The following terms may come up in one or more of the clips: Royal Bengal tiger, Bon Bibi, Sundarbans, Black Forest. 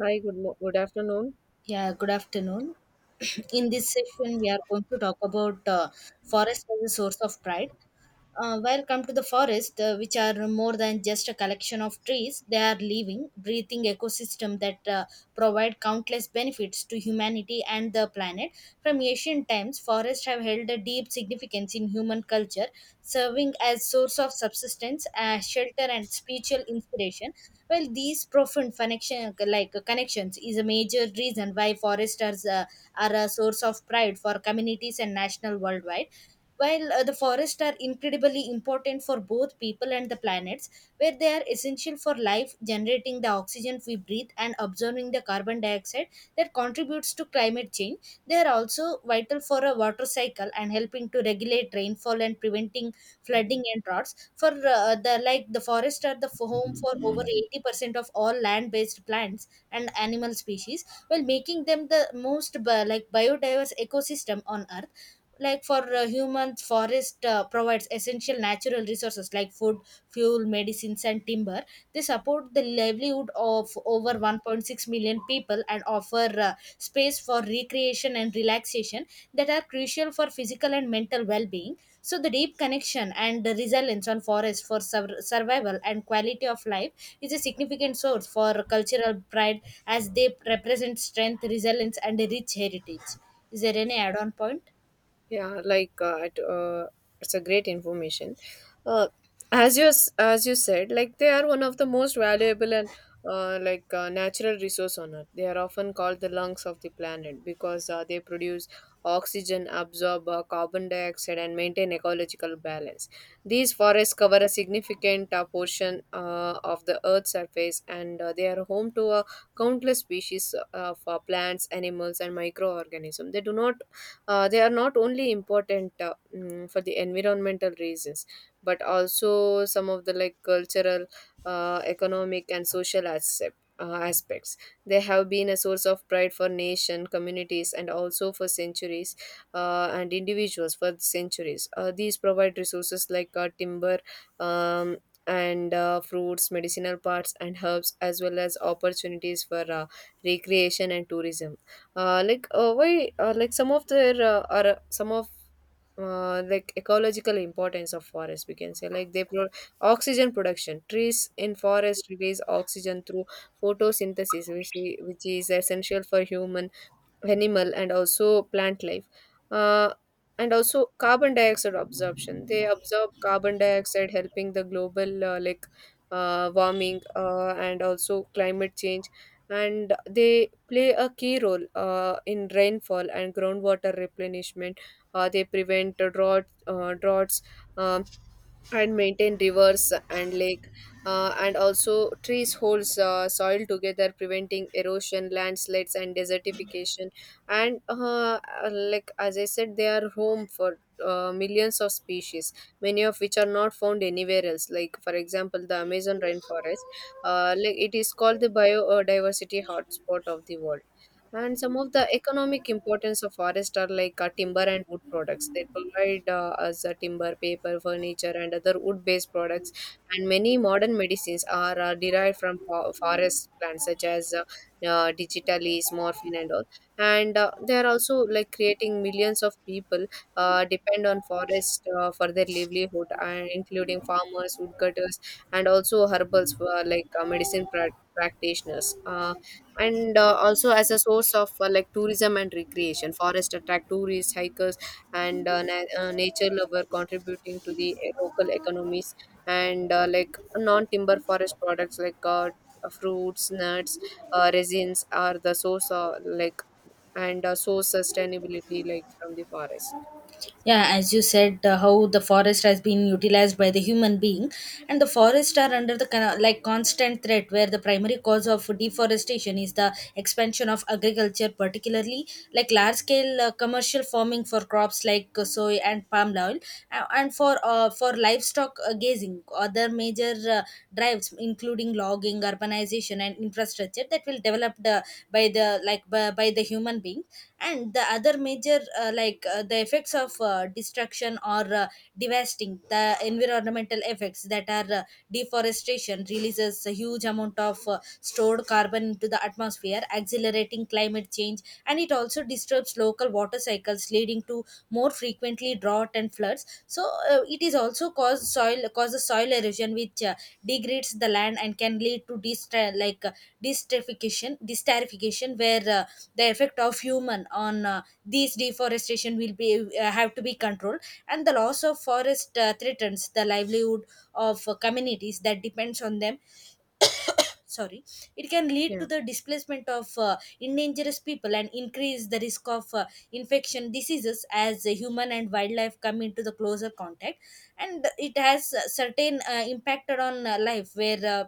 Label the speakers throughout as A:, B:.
A: Hi, good afternoon.
B: Yeah, good afternoon. In this session, we are going to talk about forest as a source of pride. Welcome to the forest, which are more than just a collection of trees. They are living, breathing ecosystem that provide countless benefits to humanity and the planet. From ancient times, forests have held a deep significance in human culture, serving as source of subsistence, shelter, and spiritual inspiration. Well, these profound connection, connections, is a major reason why foresters are a source of pride for communities and national worldwide. While the forests are incredibly important for both people and the planets, where they are essential for life, generating the oxygen we breathe and absorbing the carbon dioxide that contributes to climate change. They are also vital for a water cycle and helping to regulate rainfall and preventing flooding and droughts. For uh, the like the forests are the home for over 80% of all land-based plants and animal species, while making them the most biodiverse ecosystem on earth. Like for humans, forest provides essential natural resources like food, fuel, medicines, and timber. They support the livelihood of over 1.6 million people and offer space for recreation and relaxation that are crucial for physical and mental well-being. So the deep connection and the resilience on forest for survival and quality of life is a significant source for cultural pride, as they represent strength, resilience, and a rich heritage. Is there any add-on point?
A: Yeah, it's a great information. Uh, as you said, like they are one of the most valuable and natural resource on Earth. They are often called the lungs of the planet because they produce oxygen, absorb carbon dioxide, and maintain ecological balance. These forests cover a significant portion of the Earth's surface, and they are home to countless species of plants, animals, and microorganisms. They are not only important for the environmental reasons, but also some of the like cultural, economic, and social aspects. They have been a source of pride for nation, communities, and also for centuries and individuals for centuries. These provide resources like timber. Um, and Fruits, medicinal parts, and herbs, as well as opportunities for recreation and tourism. Uh, like why like some of their are Some of like ecological importance of forest we can say like oxygen production, trees in forest release oxygen through photosynthesis, which is essential for human, animal and also plant life. uh, and also carbon dioxide absorption, they absorb carbon dioxide helping the global warming and also climate change. And they play a key role in rainfall and groundwater replenishment. They prevent droughts um, and maintain rivers and lake. And also trees holds soil together preventing erosion, landslides and desertification. And like as I said they are home for millions of species, many of which are not found anywhere else, like for example the Amazon rainforest. Like it is called the biodiversity hotspot of the world. And some of the economic importance of forest are like timber and wood products. They provide us timber, paper, furniture, and other wood-based products. And many modern medicines are derived from forest plants, such as digitalis, morphine, and all. And they are also like creating millions of people depend on forest for their livelihood, and including farmers, woodcutters, and also herbals, medicine practitioners. And Also as a source of like tourism and recreation, forest attract tourists, hikers and nature lover, contributing to the local economies. And like non timber forest products like fruits, nuts, resins are the source of like. And source sustainability like from the forest.
B: Yeah, as you said, how the forest has been utilized by the human being. And the forests are under the kind of, like, constant threat, where the primary cause of deforestation is the expansion of agriculture, particularly like large scale commercial farming for crops like soy and palm oil, and for livestock grazing. Other major drives including logging, urbanization, and infrastructure that will developed by the like by the human being. And the other major the effects of destruction or devastating the environmental effects that are deforestation releases a huge amount of stored carbon into the atmosphere, accelerating climate change. And it also disturbs local water cycles, leading to more frequently drought and floods. So it is also causes soil erosion, which degrades the land and can lead to destratification destratification, where the effect of human on these deforestation will be have to be controlled. And the loss of forest threatens the livelihood of communities that depends on them. Sorry, it can lead to
A: Yeah.
B: the displacement of endangered people and increase the risk of infection diseases, as human and wildlife come into the closer contact. And it has certain impact on life, where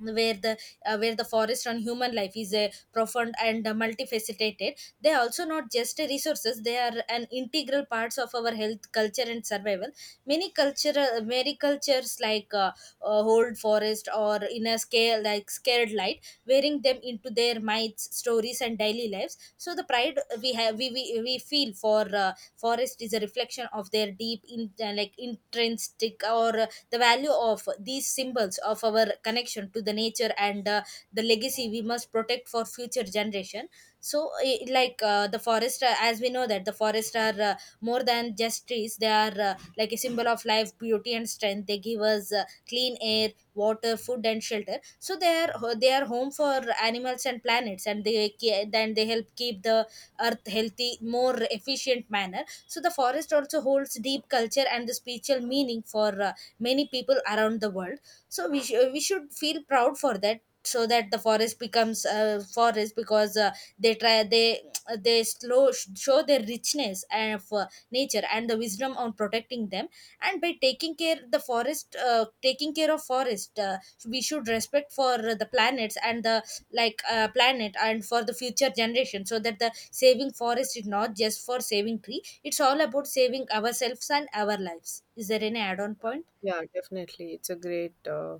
B: where the where the forest on human life is a profound and multifaceted. They are also not just a resources, they are an integral parts of our health, culture, and survival. Many cultural many cultures, hold forest or in a scale like scared light, wearing them into their minds, stories, and daily lives. So the pride we have, we feel for forest is a reflection of their deep in intrinsic or the value of these symbols of our connection to the nature, and the legacy we must protect for future generation. So the forest, as we know that the forest are more than just trees. They are like a symbol of life, beauty, and strength. They give us clean air, water, food, and shelter. So they are home for animals and planets, and then they help keep the earth healthy more efficient manner. So the forest also holds deep culture and the spiritual meaning for many people around the world. So we should feel proud for that, so that the forest becomes a forest because they try they slow show their richness and of nature and the wisdom on protecting them. And by taking care of forest, we should respect for the planets and the planet and for the future generation. So that the saving forest is not just for saving tree, it's all about saving ourselves and our lives. Is there any add-on point?
A: Yeah, definitely. It's a great uh,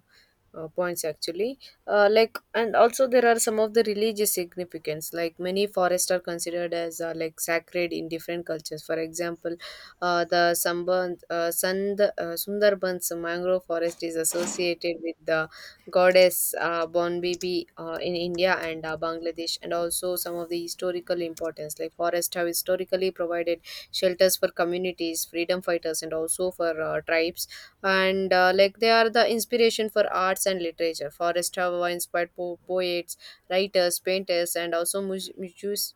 A: uh, points actually. Like, and also there are some of the religious significance. Like many forests are considered as like sacred in different cultures. For example, uh, the Samband, uh, Sand, uh, Sundarbans mangrove forest is associated with the goddess Bon Bibi in India and Bangladesh, and also some of the historical importance. Like forests have historically provided shelters for communities, freedom fighters, and also for tribes. And like they are the inspiration for arts and literature, forest have inspired poets, writers, painters and also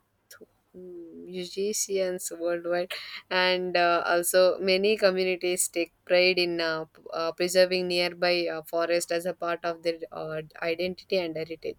A: musicians worldwide. And also many communities take pride in preserving nearby forest as a part of their identity and heritage.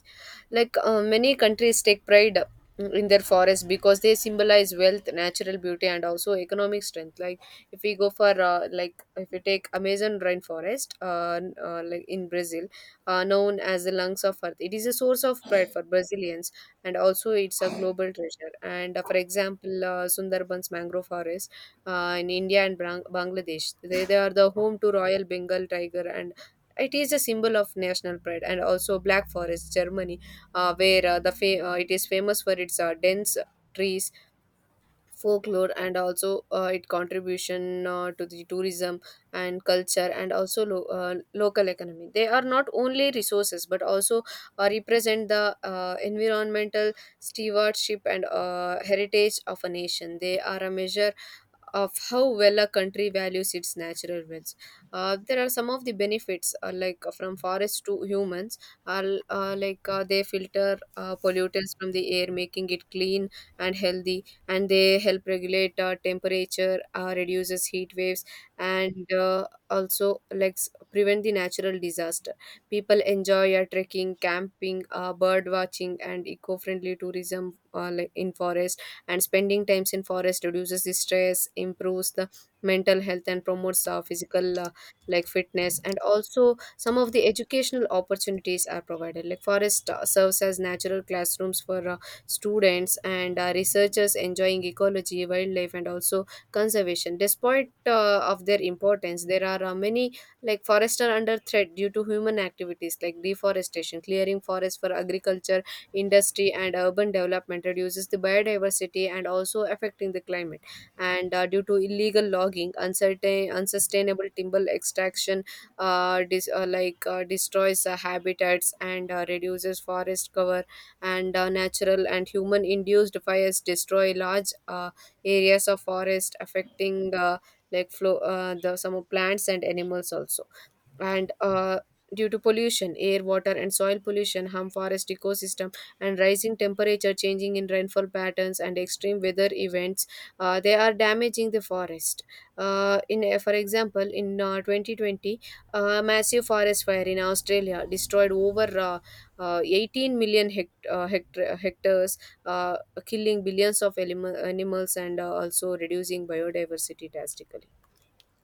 A: Like many countries take pride, in their forests because they symbolize wealth, natural beauty, and also economic strength. Like if we take Amazon rainforest, like in Brazil, known as the lungs of earth, it is a source of pride for Brazilians, and also it's a global treasure. And for example, Sundarbans mangrove forest in India and Bangladesh, they are the home to Royal Bengal tiger and it is a symbol of national pride. And also Black Forest Germany, it is famous for its dense trees, folklore and also it contribution to the tourism and culture and also local economy. They are not only resources but also represent the environmental stewardship and heritage of a nation. They are a measure of how well a country values its natural wealth. There are some of the benefits, from forests to humans, are they filter pollutants from the air, making it clean and healthy. And they help regulate temperature, reduces heat waves. And also like prevent the natural disaster. People enjoy trekking, camping, bird watching and eco-friendly tourism like in forest. And spending times in forest reduces the stress, improves the mental health and promotes physical fitness. And also some of the educational opportunities are provided, like forest serves as natural classrooms for students and researchers enjoying ecology, wildlife, and also conservation. Despite of their importance, there are many like forests are under threat due to human activities like deforestation, clearing forests for agriculture, industry, and urban development reduces the biodiversity and also affecting the climate. And due to illegal logging, uncertain, unsustainable timber extraction, destroys habitats and reduces forest cover. And natural and human induced fires destroy large areas of forest, affecting the some of plants and animals also. And due to pollution, air, water and soil pollution harm forest ecosystem. And rising temperature, changing in rainfall patterns and extreme weather events, they are damaging the forest. In For example in 2020, massive forest fire in Australia destroyed over 18 million hectares, uh, killing billions of animals and also reducing biodiversity drastically.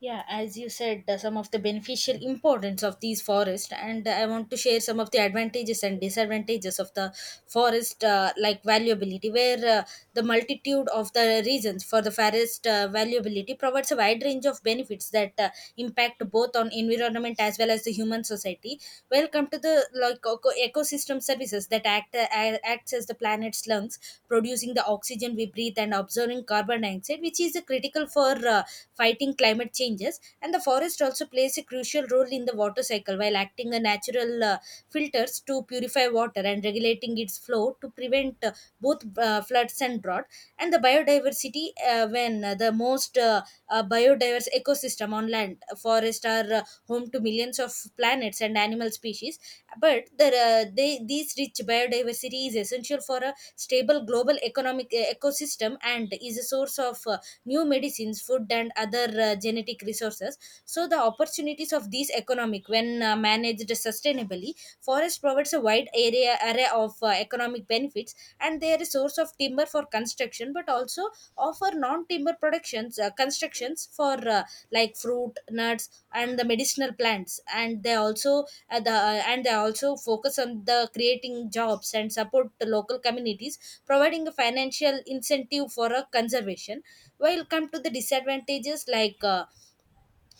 B: Yeah, as you said, some of the beneficial importance of these forests, and I want to share some of the advantages and disadvantages of the forest, like valuability, where the multitude of the reasons for the forest valuability provides a wide range of benefits that impact both on environment as well as the human society. Welcome to the ecosystem services that acts as the planet's lungs, producing the oxygen we breathe and absorbing carbon dioxide, which is critical for. Fighting climate changes. And the forest also plays a crucial role in the water cycle, while acting a natural filters to purify water and regulating its flow to prevent both floods and drought. And the biodiversity, when the most biodiverse ecosystem on land, forests are home to millions of planets and animal species. But the, these rich biodiversity is essential for a stable global economic ecosystem, and is a source of new medicines, food, and other genetic resources. So, the opportunities of these economic, when managed sustainably, forest provides a wide area array of economic benefits, and they are a source of timber for construction, but also offer non-timber productions constructions for fruit, nuts, and the medicinal plants. And they also focus on the creating jobs and support the local communities, providing a financial incentive for a conservation. While come to the disadvantages,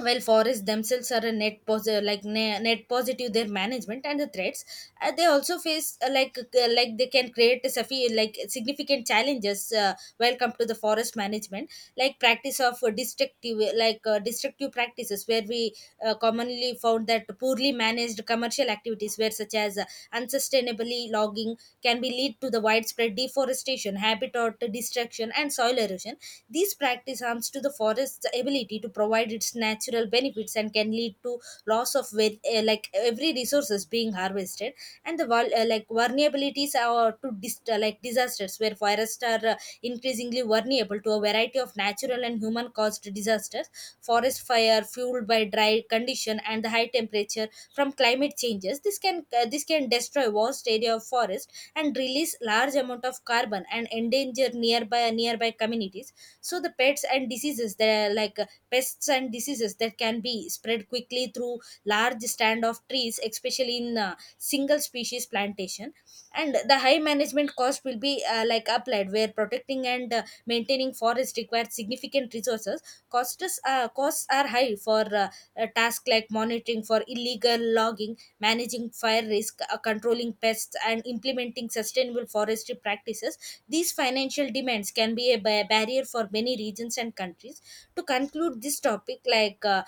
B: while forests themselves are a net positive, net positive, their management and the threats they also face, they can create a significant challenges while come to the forest management, like practice of destructive practices, where we commonly found that poorly managed commercial activities where such as unsustainably logging can be lead to the widespread deforestation, habitat destruction, and soil erosion. These practice harms to the forest's ability to provide its natural benefits and can lead to loss of every resources being harvested. And the vulnerabilities are to disasters, where forests are increasingly vulnerable to a variety of natural and human caused disasters. Forest fire fueled by dry condition and the high temperature from climate changes, this can destroy vast area of forest and release large amount of carbon and endanger nearby communities. So the pets and diseases, they're like pests and diseases that can be spread quickly through large stand of trees, especially in single species plantation. And the high management cost will be like applied, where protecting and maintaining forest requires significant resources. Costs costs are high for a task like monitoring for illegal logging, managing fire risk, controlling pests, and implementing sustainable forestry practices. These financial demands can be a barrier for many regions and countries. To conclude this topic, like uh,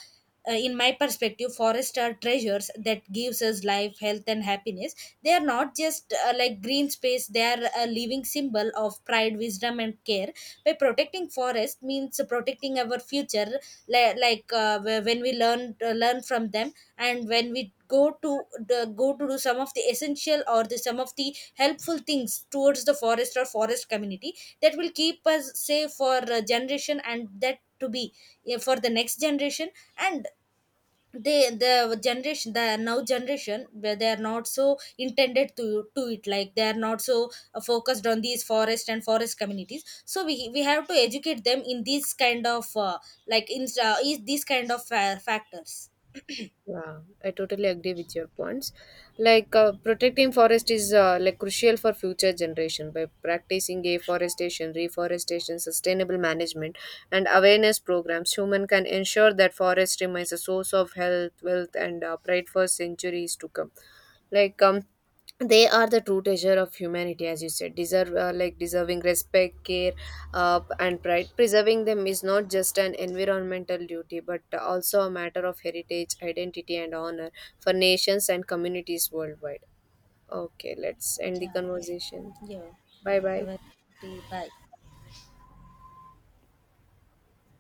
B: uh, in my perspective, forests are treasures that gives us life, health, and happiness. They are not just like green space; they are a living symbol of pride, wisdom, and care. By protecting forest means protecting our future. When we learn from them, and when we go to the go to do some of the essential or the some of the helpful things towards the forest or forest community, that will keep us safe for a generation, and that to be for the next generation. And they the generation, the now generation, where they are not so intended to it, like they are not so focused on these forest and forest communities. So we have to educate them in these kind of like in is these kind of factors.
A: Yeah, I totally agree with your points. Protecting forest is crucial for future generation by practicing afforestation, reforestation, sustainable management, and awareness programs. Human can ensure that forest remains a source of health, wealth, and pride for centuries to come. Like um, they are the true treasure of humanity, as you said, deserve deserving respect, care and pride. Preserving them is not just an environmental duty but also a matter of heritage, identity and honor for nations and communities worldwide. Okay, let's end the
B: Yeah.
A: conversation.
B: Yeah.
A: Bye bye.
B: Have a good day. Bye.